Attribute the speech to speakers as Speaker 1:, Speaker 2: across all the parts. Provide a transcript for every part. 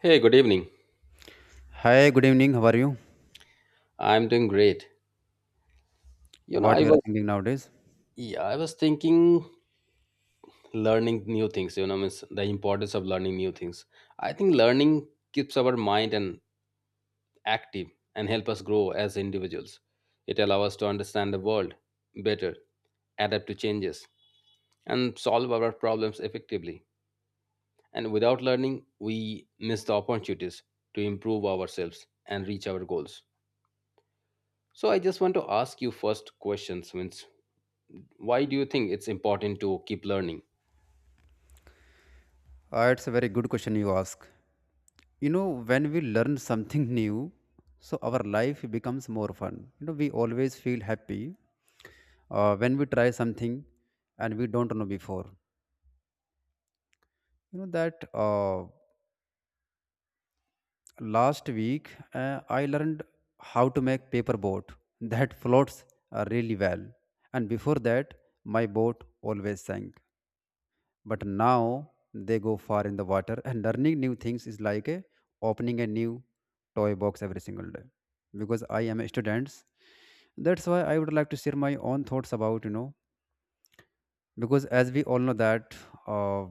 Speaker 1: Hey, good evening.
Speaker 2: Hi, good evening. How are you?
Speaker 1: I'm doing great. You know,
Speaker 2: What
Speaker 1: I
Speaker 2: you are
Speaker 1: was
Speaker 2: thinking nowadays?
Speaker 1: yeah, I was thinking learning new things, you know, means the importance of learning new things. I think learning keeps our mind and active and help us grow as individuals. It allows us to understand the world better, adapt to changes, and solve our problems effectively. And without learning, we miss the opportunities to improve ourselves and reach our goals. So I just want to ask you first questions, means why do you think it's important to keep learning?
Speaker 2: It's a very good question you ask. You know, when we learn something new, so our life becomes more fun. You know, we always feel happy when we try something and we don't know before. You know that last week I learned how to make paper boat that floats really well, and before that my boat always sank. But now they go far in the water, and learning new things is like opening a new toy box every single day because I am a student. That's why I would like to share my own thoughts about because as we all know that uh,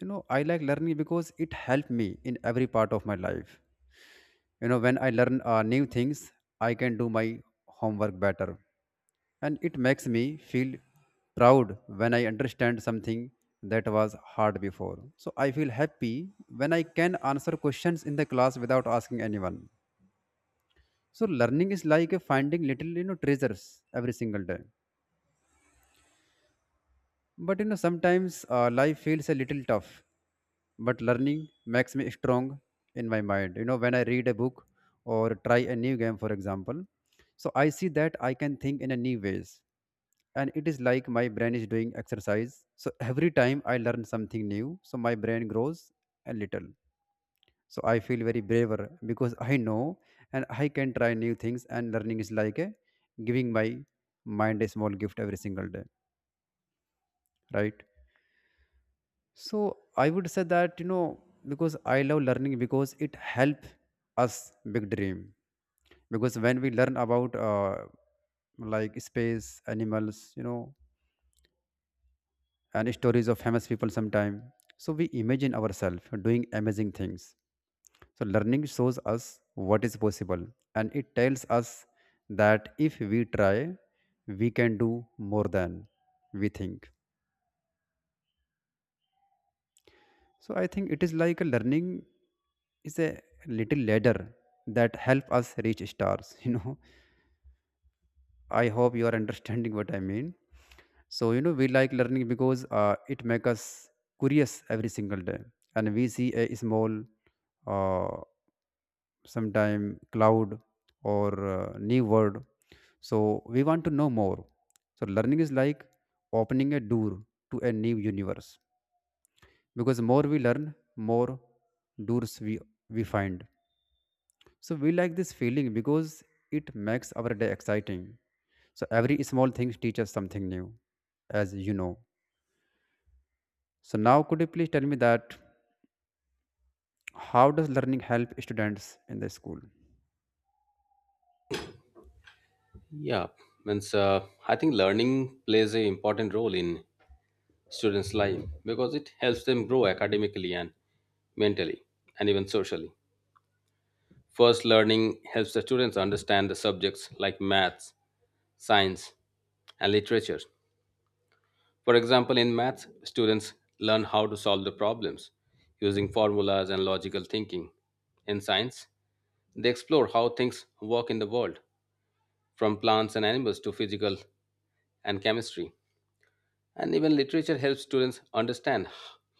Speaker 2: I like learning because it helped me in every part of my life. You know, when I learn new things, I can do my homework better, and it makes me feel proud when I understand something that was hard before. So I feel happy when I can answer questions in the class without asking anyone. So learning is like finding little treasures every single day. But you know, sometimes life feels a little tough, but learning makes me strong in my mind. You know, when I read a book or try a new game, for example, so I see that I can think in a new ways. And it is like my brain is doing exercise. So every time I learn something new, so my brain grows a little. So I feel very braver because I know and I can try new things. And learning is like giving my mind a small gift every single day, right? So I would say that you know because I love learning because it helps us big dream because when we learn about like space animals, you know, and stories of famous people sometime, so we imagine ourselves doing amazing things. So learning shows us what is possible, and it tells us that if we try, we can do more than we think. So I think it is like a learning is a little ladder that help us reach stars. You know, I hope you are understanding what I mean. So you know, we like learning because it makes us curious every single day, and we see a small, uh, sometime cloud or new word. So we want to know more. So learning is like opening a door to a new universe because more we learn, more doors we find. So we like this feeling because it makes our day exciting. So every small thing teaches something new, as you know. So now could you please tell me that how does learning help students in the school?
Speaker 1: Yeah, means I think learning plays an important role in students life because it helps them grow academically and mentally and even socially. First, learning helps the students understand the subjects like maths, science, and literature. For example, in maths students learn how to solve the problems using formulas and logical thinking. In science, they explore how things work in the world, from plants and animals to physical and chemistry. And even literature helps students understand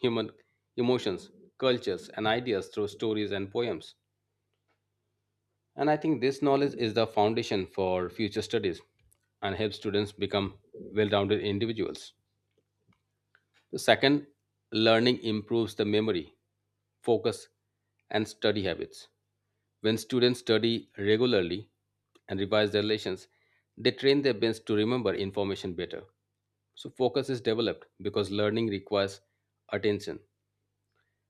Speaker 1: human emotions, cultures, and ideas through stories and poems. And I think this knowledge is the foundation for future studies and helps students become well rounded individuals. The second, learning improves the memory, focus, and study habits. When students study regularly and revise their lessons, they train their brains to remember information better. So focus is developed because learning requires attention,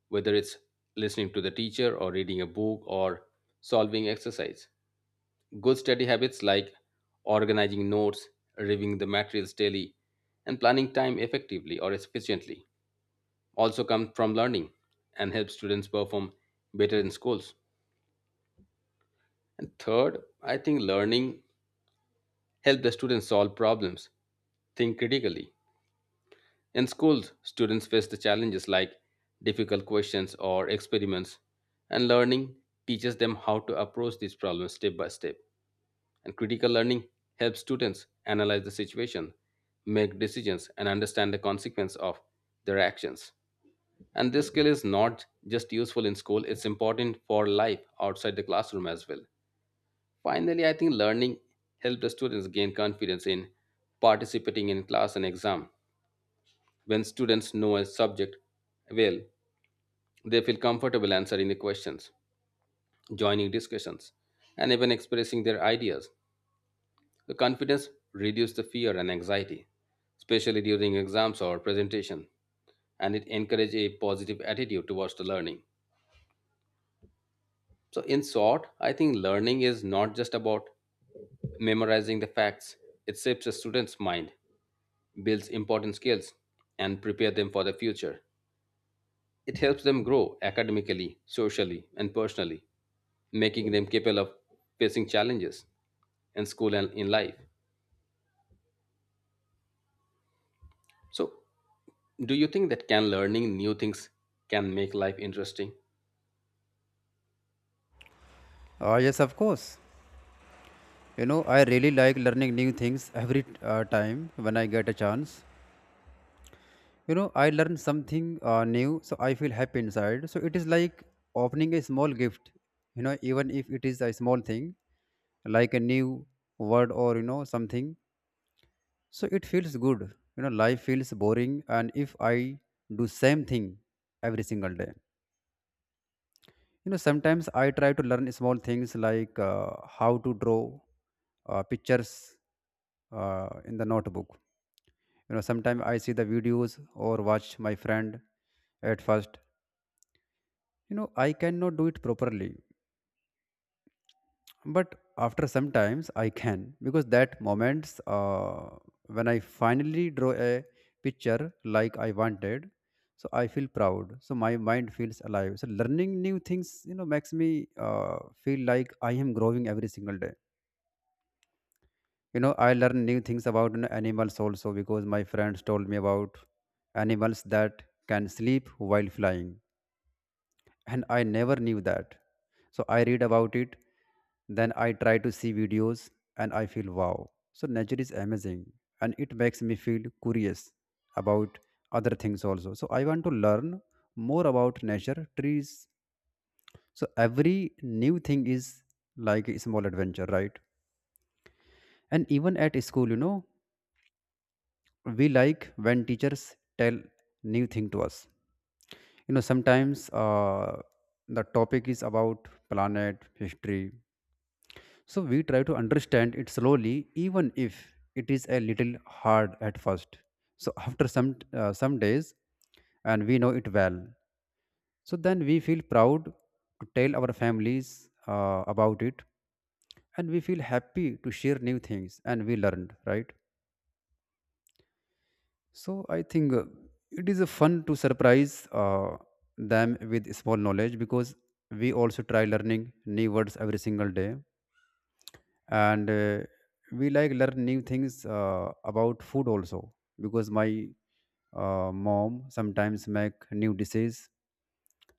Speaker 1: whether it's listening to the teacher or reading a book or solving exercise. Good study habits like organizing notes, reviewing the materials daily, and planning time effectively or efficiently also come from learning and help students perform better in schools. And third, I think learning helps the students solve problems, think critically. In schools, students face the challenges like difficult questions or experiments, and learning teaches them how to approach these problems step by step. And critical learning helps students analyze the situation, make decisions, and understand the consequence of their actions. And this skill is not just useful in school, it's important for life outside the classroom as well. Finally, I think learning helps the students gain confidence in participating in class and exam. When students know a subject well, they feel comfortable answering the questions, joining discussions, and even expressing their ideas. The confidence reduces the fear and anxiety, especially during exams or presentation, and it encourages a positive attitude towards the learning. So, in short, I think learning is not just about memorizing the facts. It shapes a student's mind, builds important skills, and prepare them for the future. It helps them grow academically, socially, and personally, making them capable of facing challenges in school and in life. So, do you think that can learning new things can make life interesting?
Speaker 2: Yes, of course. You know, I really like learning new things every time when I get a chance. You know, I learn something new, so I feel happy inside. So it is like opening a small gift, you know, even if it is a small thing, like a new word or, you know, something, so it feels good. You know, life feels boring and if I do same thing every single day. You know, sometimes I try to learn small things like how to draw pictures in the notebook. You know, sometimes I see the videos or watch my friend. At first, you know, I cannot do it properly, but after some times I can because that moments when I finally draw a picture like I wanted, so I feel proud, so my mind feels alive. So learning new things, you know, makes me feel like I am growing every single day. You know, I learn new things about, you know, animals also because my friends told me about animals that can sleep while flying, and I never knew that. So I read about it, then I try to see videos, and I feel wow. So nature is amazing, and it makes me feel curious about other things also. So I want to learn more about nature trees. So every new thing is like a small adventure, right? And even at school, you know, we like when teachers tell new thing to us. You know, sometimes the topic is about planet history. So we try to understand it slowly, even if it is a little hard at first. So after some days, and we know it well. So then we feel proud to tell our families about it, and we feel happy to share new things and we learned, right. So I think it is a fun to surprise them with small knowledge because we also try learning new words every single day, and we like learn new things about food also because my mom sometimes make new dishes.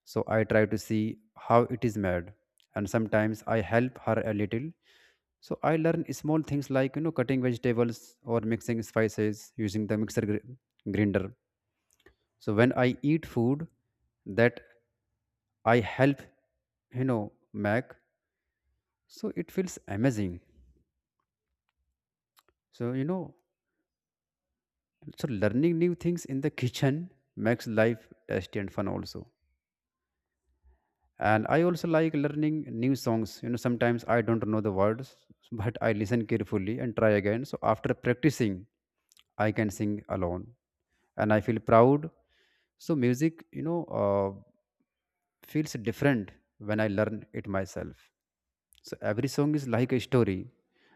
Speaker 2: So I try to see how it is made, and sometimes I help her a little. So I learn small things like, you know, cutting vegetables or mixing spices using the mixer grinder. So when I eat food that I help, you know, make, so it feels amazing. So you know, so learning new things in the kitchen makes life tasty and fun also. And I also like learning new songs. You know, sometimes I don't know the words, but I listen carefully and try again. So after practicing, I can sing alone, and I feel proud. So music, you know, feels different when I learn it myself. So every song is like a story,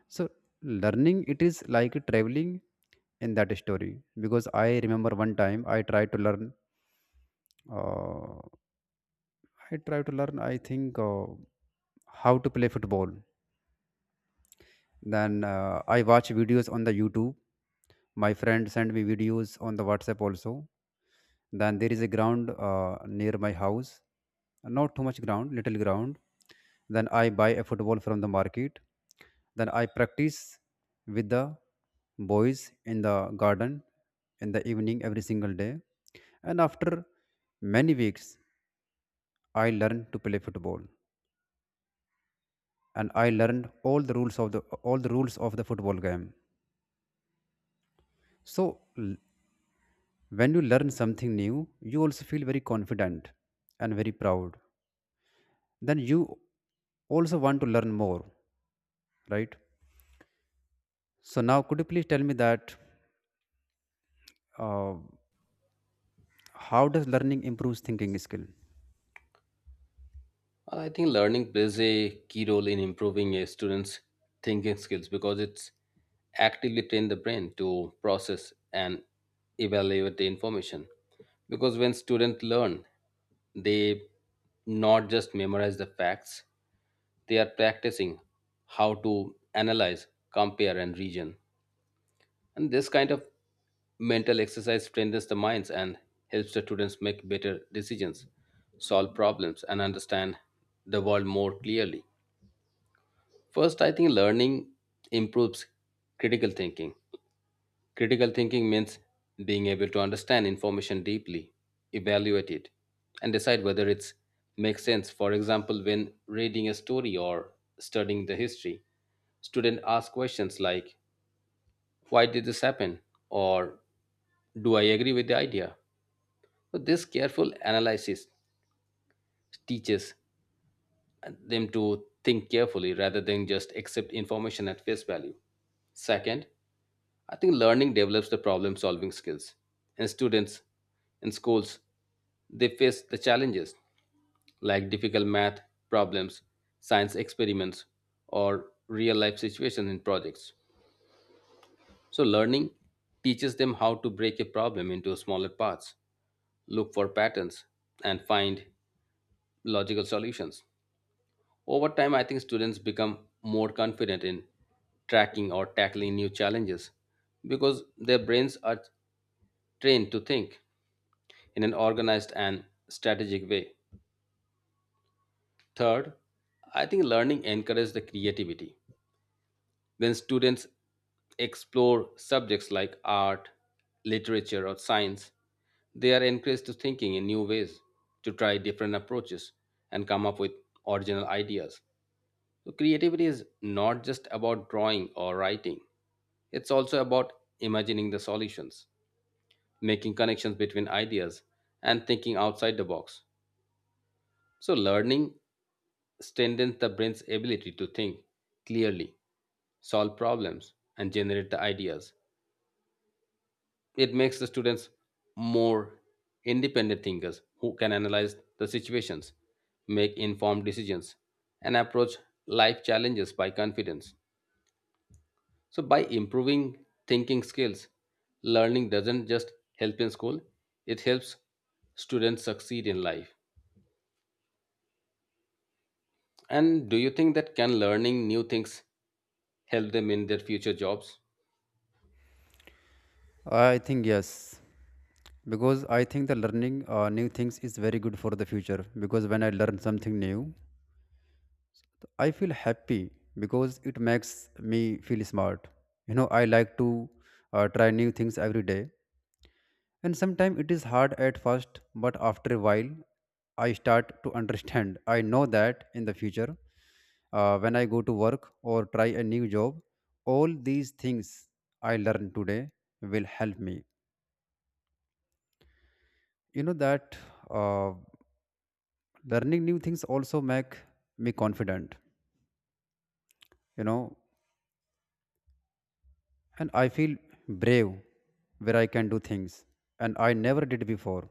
Speaker 2: so learning it is like traveling in that story because I remember one time I tried to learn uh, I think, how to play football. Then I watch videos on the YouTube. My friend sent me videos on the WhatsApp also. Then there is a ground near my house, not too much ground, little ground. Then I buy a football from the market. Then I practice with the boys in the garden in the evening every single day, and after many weeks I learned to play football, and I learned all the rules of the football game. So when you learn something new, you also feel very confident and very proud. Then you also want to learn more, right? So now could you please tell me that uh, how does learning improves thinking skill?
Speaker 1: I think learning plays a key role in improving a student's thinking skills because it's actively train the brain to process and evaluate the information. Because when students learn, they not just memorize the facts, they are practicing how to analyze, compare, and reason. And this kind of mental exercise strengthens the minds and helps the students make better decisions, solve problems, and understand the world more clearly. First, I think learning improves critical thinking. Critical thinking means being able to understand information deeply, evaluate it, and decide whether it makes sense. For example, when reading a story or studying the history, students ask questions like, why did this happen? Or do I agree with the idea? But this careful analysis teaches them to think carefully rather than just accept information at face value. Second, I think learning develops the problem solving skills. And students in schools, they face the challenges like difficult math problems, science experiments, or real life situations in projects. So, learning teaches them how to break a problem into smaller parts, look for patterns, and find logical solutions. Over time, I think students become more confident in tracking or tackling new challenges because their brains are trained to think in an organized and strategic way. Third, I think learning encourages the creativity. When students explore subjects like art, literature, or science, they are encouraged to thinking in new ways, to try different approaches, and come up with original ideas. So creativity is not just about drawing or writing. It's also about imagining the solutions, making connections between ideas, and thinking outside the box. So, learning strengthens the brain's ability to think clearly, solve problems, and generate the ideas. It makes the students more independent thinkers who can analyze the situations, make informed decisions, and approach life challenges by confidence. So, by improving thinking skills, learning doesn't just help in school, it helps students succeed in life. And do you think that can learning new things help them in their future jobs?
Speaker 2: I think yes, because I think the learning new things is very good for the future because when I learn something new, I feel happy because it makes me feel smart. You know, I like to try new things every day. And sometimes it is hard at first, but after a while, I start to understand. I know that in the future, when I go to work or try a new job, all these things I learn today will help me. You know that uh, learning new things also make me confident. You know, and I feel brave where I can do things and I never did before.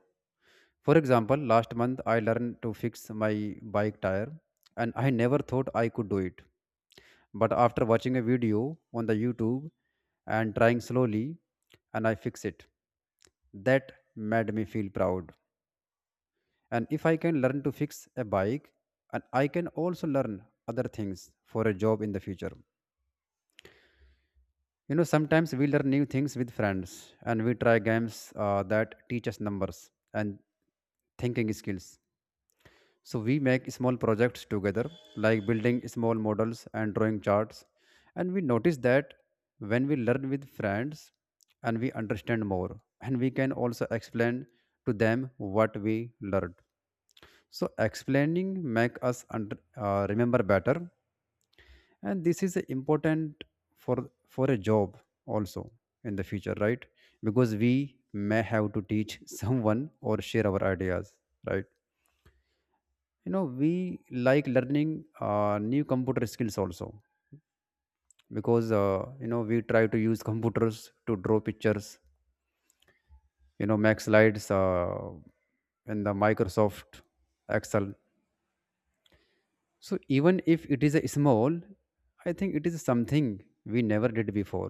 Speaker 2: For example, last month I learned to fix my bike tire, and I never thought I could do it. But after watching a video on the YouTube and trying slowly, and I fix it. That made me feel proud. And if I can learn to fix a bike, and I can also learn other things for a job in the future. You know, sometimes we learn new things with friends, and we try games that teach us numbers and thinking skills. So we make small projects together, like building small models and drawing charts. And we notice that when we learn with friends, and we understand more, and we can also explain to them what we learned. So explaining make us remember better, and this is important for a job also in the future, right? Because we may have to teach someone or share our ideas, right? You know, we like learning new computer skills also because you know, we try to use computers to draw pictures, you know, make slides in the Microsoft Excel. So even if it is a small, I think it is something we never did before.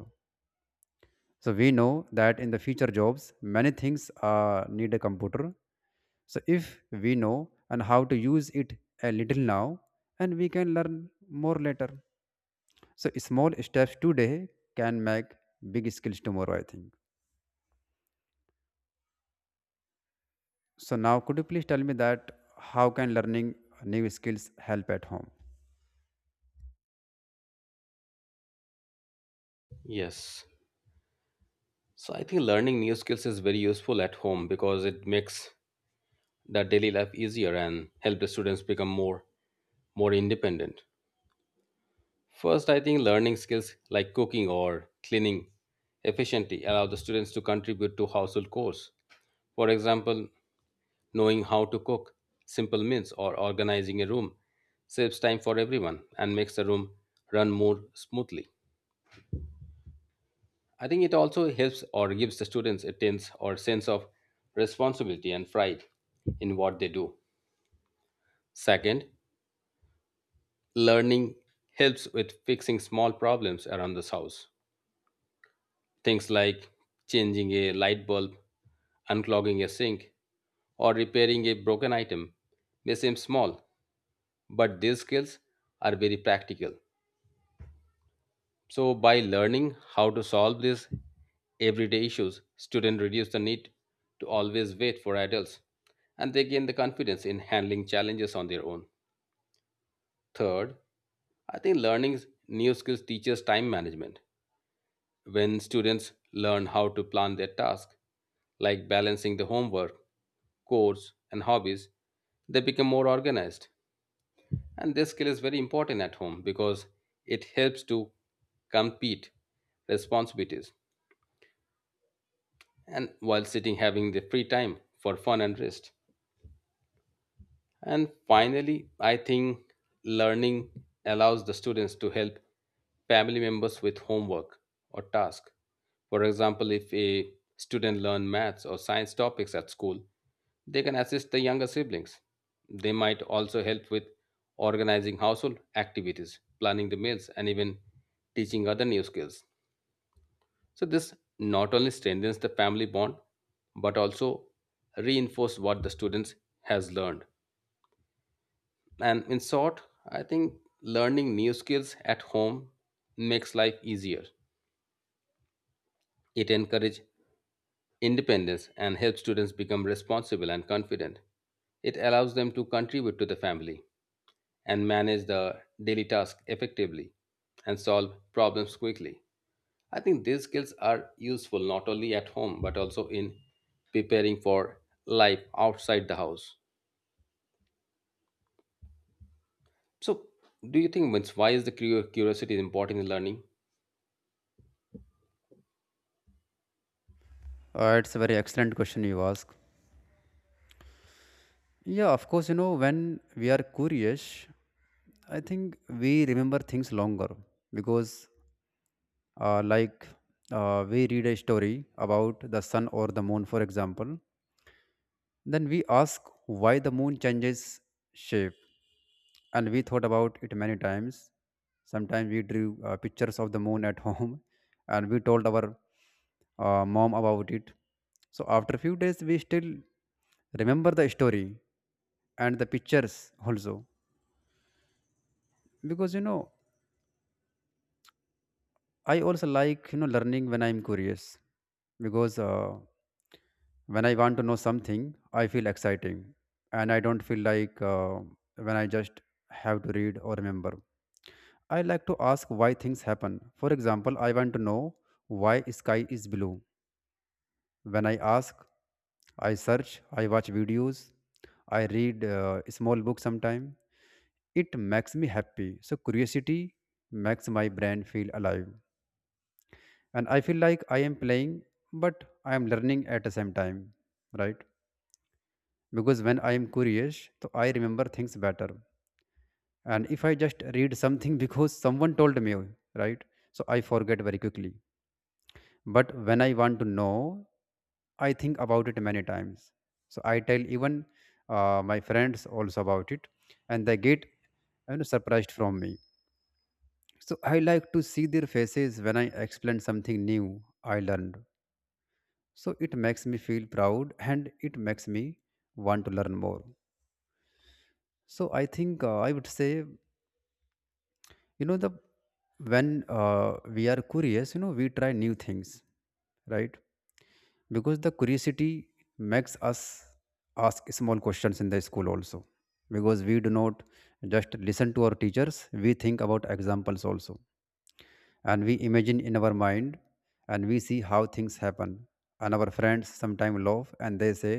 Speaker 2: So we know that in the future jobs, many things need a computer. So if we know and how to use it a little now, and we can learn more later. So small steps today can make big skills tomorrow, I think. So now, could you please tell me that how can learning new skills help at home?
Speaker 1: Yes. So, I think learning new skills is very useful at home because it makes their daily life easier and help the students become more independent. First, I think learning skills like cooking or cleaning efficiently allow the students to contribute to household chores. For example, knowing how to cook simple meals or organizing a room saves time for everyone and makes the room run more smoothly. I think it also helps or gives the students a tense or sense of responsibility and pride in what they do. Second, learning helps with fixing small problems around this house. Things like changing a light bulb, unclogging a sink, or repairing a broken item may seem small, but these skills are very practical. So by learning how to solve these everyday issues, students reduce the need to always wait for adults and they gain the confidence in handling challenges on their own. Third, I think learning new skills teaches time management. When students learn how to plan their tasks, like balancing the homework, chores, and hobbies, they become more organized. And this skill is very important at home because it helps to compete responsibilities and while sitting having the free time for fun and rest. And finally, I think learning allows the students to help family members with homework or task. For example, if a student learn maths or science topics at school, they can assist the younger siblings. They might also help with organizing household activities, planning the meals, and even teaching other new skills. So this not only strengthens the family bond, but also reinforce what the students has learned. And in short, I think learning new skills at home makes life easier. It encourages independence and helps students become responsible and confident. It allows them to contribute to the family and manage the daily tasks effectively and solve problems quickly. I think these skills are useful not only at home but also in preparing for life outside the house. So, do you think means, why is the curiosity important in learning?
Speaker 2: It's a very excellent question you ask. Yeah, of course, you know, when we are curious, I think we remember things longer because uh, like we read a story about the sun or the moon, for example, then we ask why the moon changes shape. And we thought about it many times. Sometimes we drew pictures of the moon at home and we told our mom about it. So after few days, we still remember the story and the pictures also. Because you know, I also like you know learning when I'm curious because when I want to know something I feel exciting and I don't feel like when I just have to read or remember. I like to ask why things happen. For example, I want to know why sky is blue. When I ask, I search, I watch videos, I read small books sometime. It makes me happy. So curiosity makes my brain feel alive and I feel like I am playing but I am learning at the same time, right? Because when I am curious, so I remember things better. And if I just read something because someone told me, right? So I forget very quickly. But when I want to know, I think about it many times. So I tell even my friends also about it, and they get, you know, surprised from me. So I like to see their faces when I explain something new I learned. So it makes me feel proud and it makes me want to learn more. So I think I would say, you know, the when we are curious, you know, we try new things, right? Because the curiosity makes us ask small questions in the school also, because we do not just listen to our teachers. We think about examples also, and we imagine in our mind, and we see how things happen. And our friends sometimes laugh and they say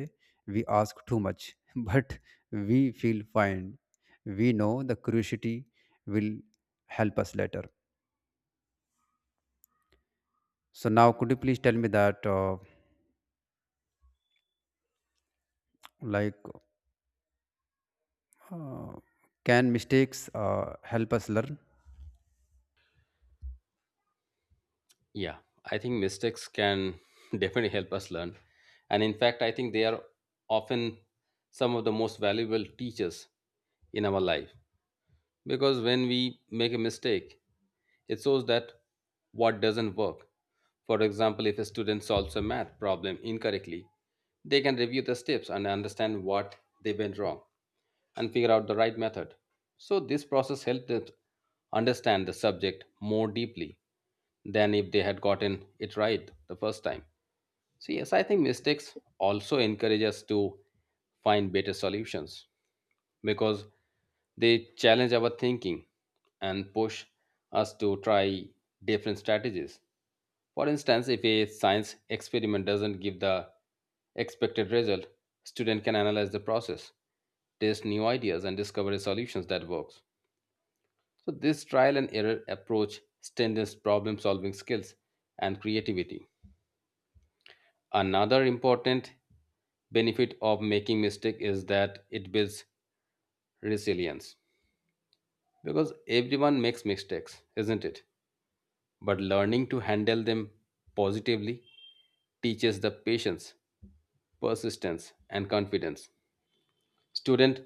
Speaker 2: we ask too much but we feel fine. We know the curiosity will help us later. So now, could you please tell me that, like, uh, can mistakes help us learn?
Speaker 1: Yeah, I think mistakes can definitely help us learn. And in fact, I think they are often some of the most valuable teachers in our life, because when we make a mistake, it shows that what doesn't work. For example, if a student solves a math problem incorrectly, they can review the steps and understand what they went wrong and figure out the right method. So, this process helped them understand the subject more deeply than if they had gotten it right the first time. So yes, I think mistakes also encourage us to find better solutions because they challenge our thinking and push us to try different strategies. For instance, if a science experiment doesn't give the expected result, student can analyze the process, test new ideas and discover solutions that works. So this trial and error approach strengthens problem solving skills and creativity. Another important benefit of making mistake is that it builds resilience, because everyone makes mistakes, isn't it? But learning to handle them positively teaches the patience, persistence and confidence. Students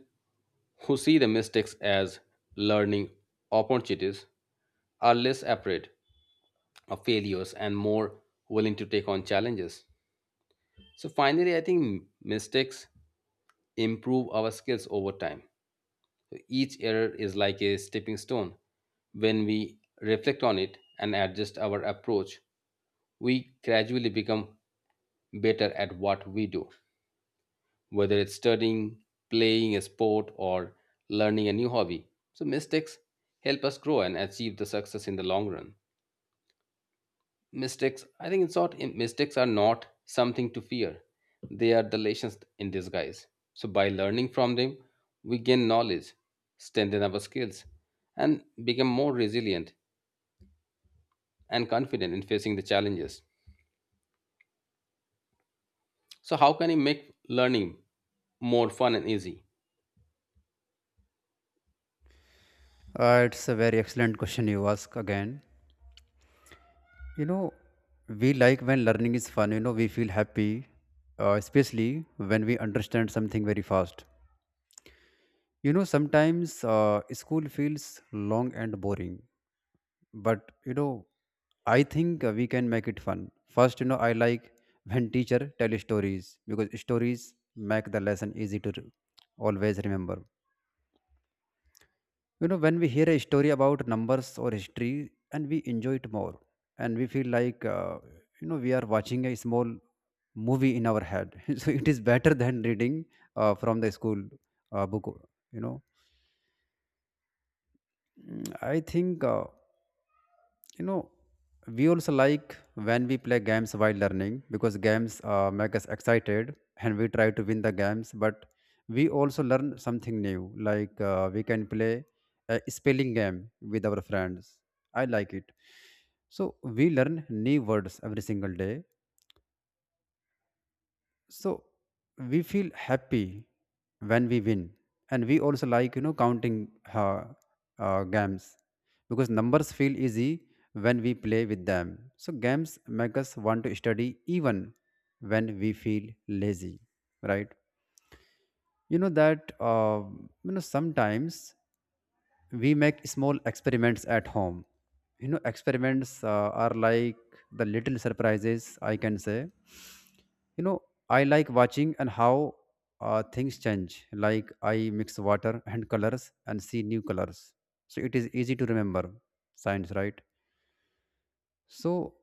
Speaker 1: who see the mistakes as learning opportunities are less afraid of failures and more willing to take on challenges. So finally, I think mistakes improve our skills over time. So each error is like a stepping stone. When we reflect on it and adjust our approach, we gradually become better at what we do, whether it's studying, playing a sport, or learning a new hobby. So, mistakes help us grow and achieve the success in the long run. Mistakes, I think in short, mistakes are not something to fear. They are the lessons in disguise. So by learning from them, we gain knowledge, strengthen our skills, and become more resilient and confident in facing the challenges. So how can you make learning more fun and easy?
Speaker 2: It's a very excellent question you ask again. You know, we like when learning is fun. You know, we feel happy, especially when we understand something very fast. You know, sometimes school feels long and boring, but you know I think we can make it fun. First, you know, I like when teacher tell stories because stories make the lesson easy to always remember. You know, when we hear a story about numbers or history and we enjoy it more, and we feel like you know, we are watching a small movie in our head. So it is better than reading from the school book, you know. Mm, I think you know, we also like when we play games while learning because games make us excited and we try to win the games, but we also learn something new. Like we can play a spelling game with our friends. I like it. So we learn new words every single day. So we feel happy when we win. And we also like, you know, counting uh, games because numbers feel easy when we play with them. So games make us want to study even when we feel lazy, right? You know that you know, sometimes we make small experiments at home. You know, experiments are like the little surprises, I can say. You know, I like watching and how things change. Like I mix water and colors and see new colors. So it is easy to remember science, right? so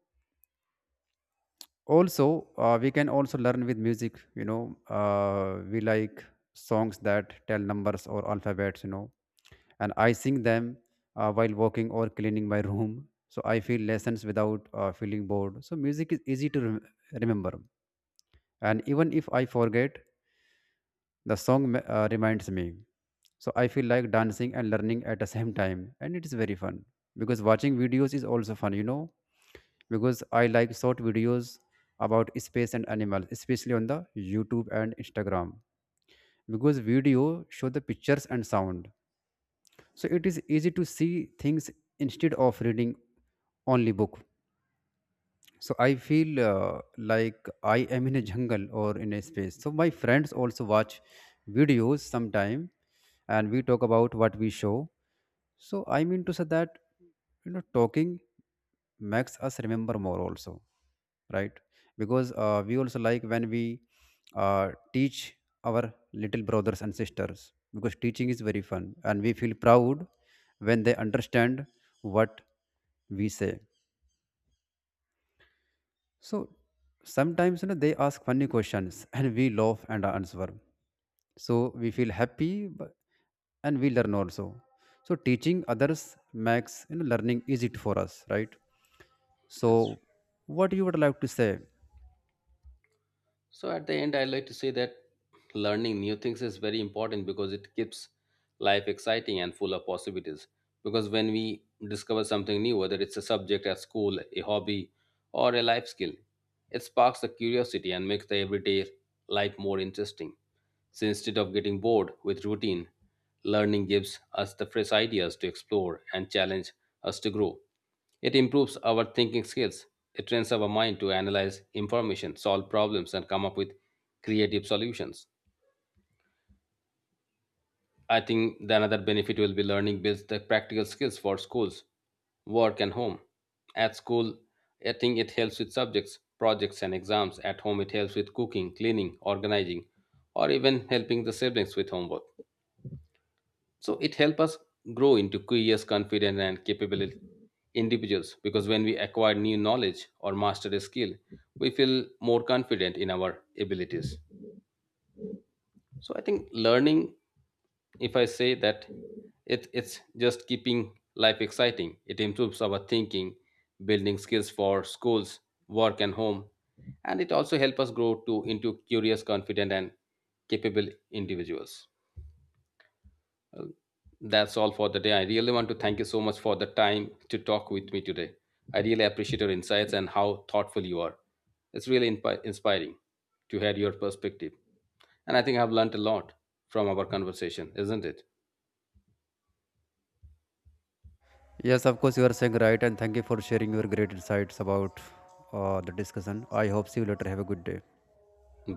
Speaker 2: also uh, we can also learn with music, you know. We like songs that tell numbers or alphabets, you know. And I sing them while walking or cleaning my room. So I feel lessons without feeling bored. So music is easy to remember, and even if I forget, the song reminds me. So I feel like dancing and learning at the same time, and it is very fun because watching videos is also fun, you know, because I like short videos about space and animals, especially on the YouTube and Instagram, because video show the pictures and sound. So it is easy to see things instead of reading only book. So I feel like I am in a jungle or in a space. So my friends also watch videos sometime, and we talk about what we show. So I mean to say that, you know, talking makes us remember more also, right? Because we also like when we uh, teach our little brothers and sisters because teaching is very fun, and we feel proud when they understand what we say. So sometimes you know they ask funny questions and we laugh and answer. So we feel happy and we learn also. So teaching others makes, you know, learning easy for us, right?
Speaker 1: Just
Speaker 2: So what you would like to say?
Speaker 1: So at the end, I like to say that learning new things is very important because it keeps life exciting and full of possibilities. Because when we discover something new, whether it's a subject at school, a hobby, or a life skill, it sparks the curiosity and makes the everyday life more interesting. So instead of getting bored with routine, learning gives us the fresh ideas to explore and challenge us to grow. It improves our thinking skills. It trains our mind to analyze information, solve problems, and come up with creative solutions. I think the another benefit will be learning builds the practical skills for schools, work, and home. At school, I think it helps with subjects, projects, and exams. At home, it helps with cooking, cleaning, organizing, or even helping the siblings with homework. So it helps us grow into curious, confident and capable individuals, because when we acquire new knowledge or master a skill we feel more confident in our abilities. So I think learning, if I say that, it's just keeping life exciting, it improves our thinking, building skills for schools, work and home, and it also helps us grow to into curious, confident and capable individuals. That's all for the day. I really want to thank you so much for the time to talk with me today. I really appreciate your insights and how thoughtful you are. It's really inspiring to hear your perspective. And I think I've learned a lot from our conversation, isn't it?
Speaker 2: Yes, of course you are saying right, and thank you for sharing your great insights about the discussion. I hope see you later. Have a good day.
Speaker 1: Bye.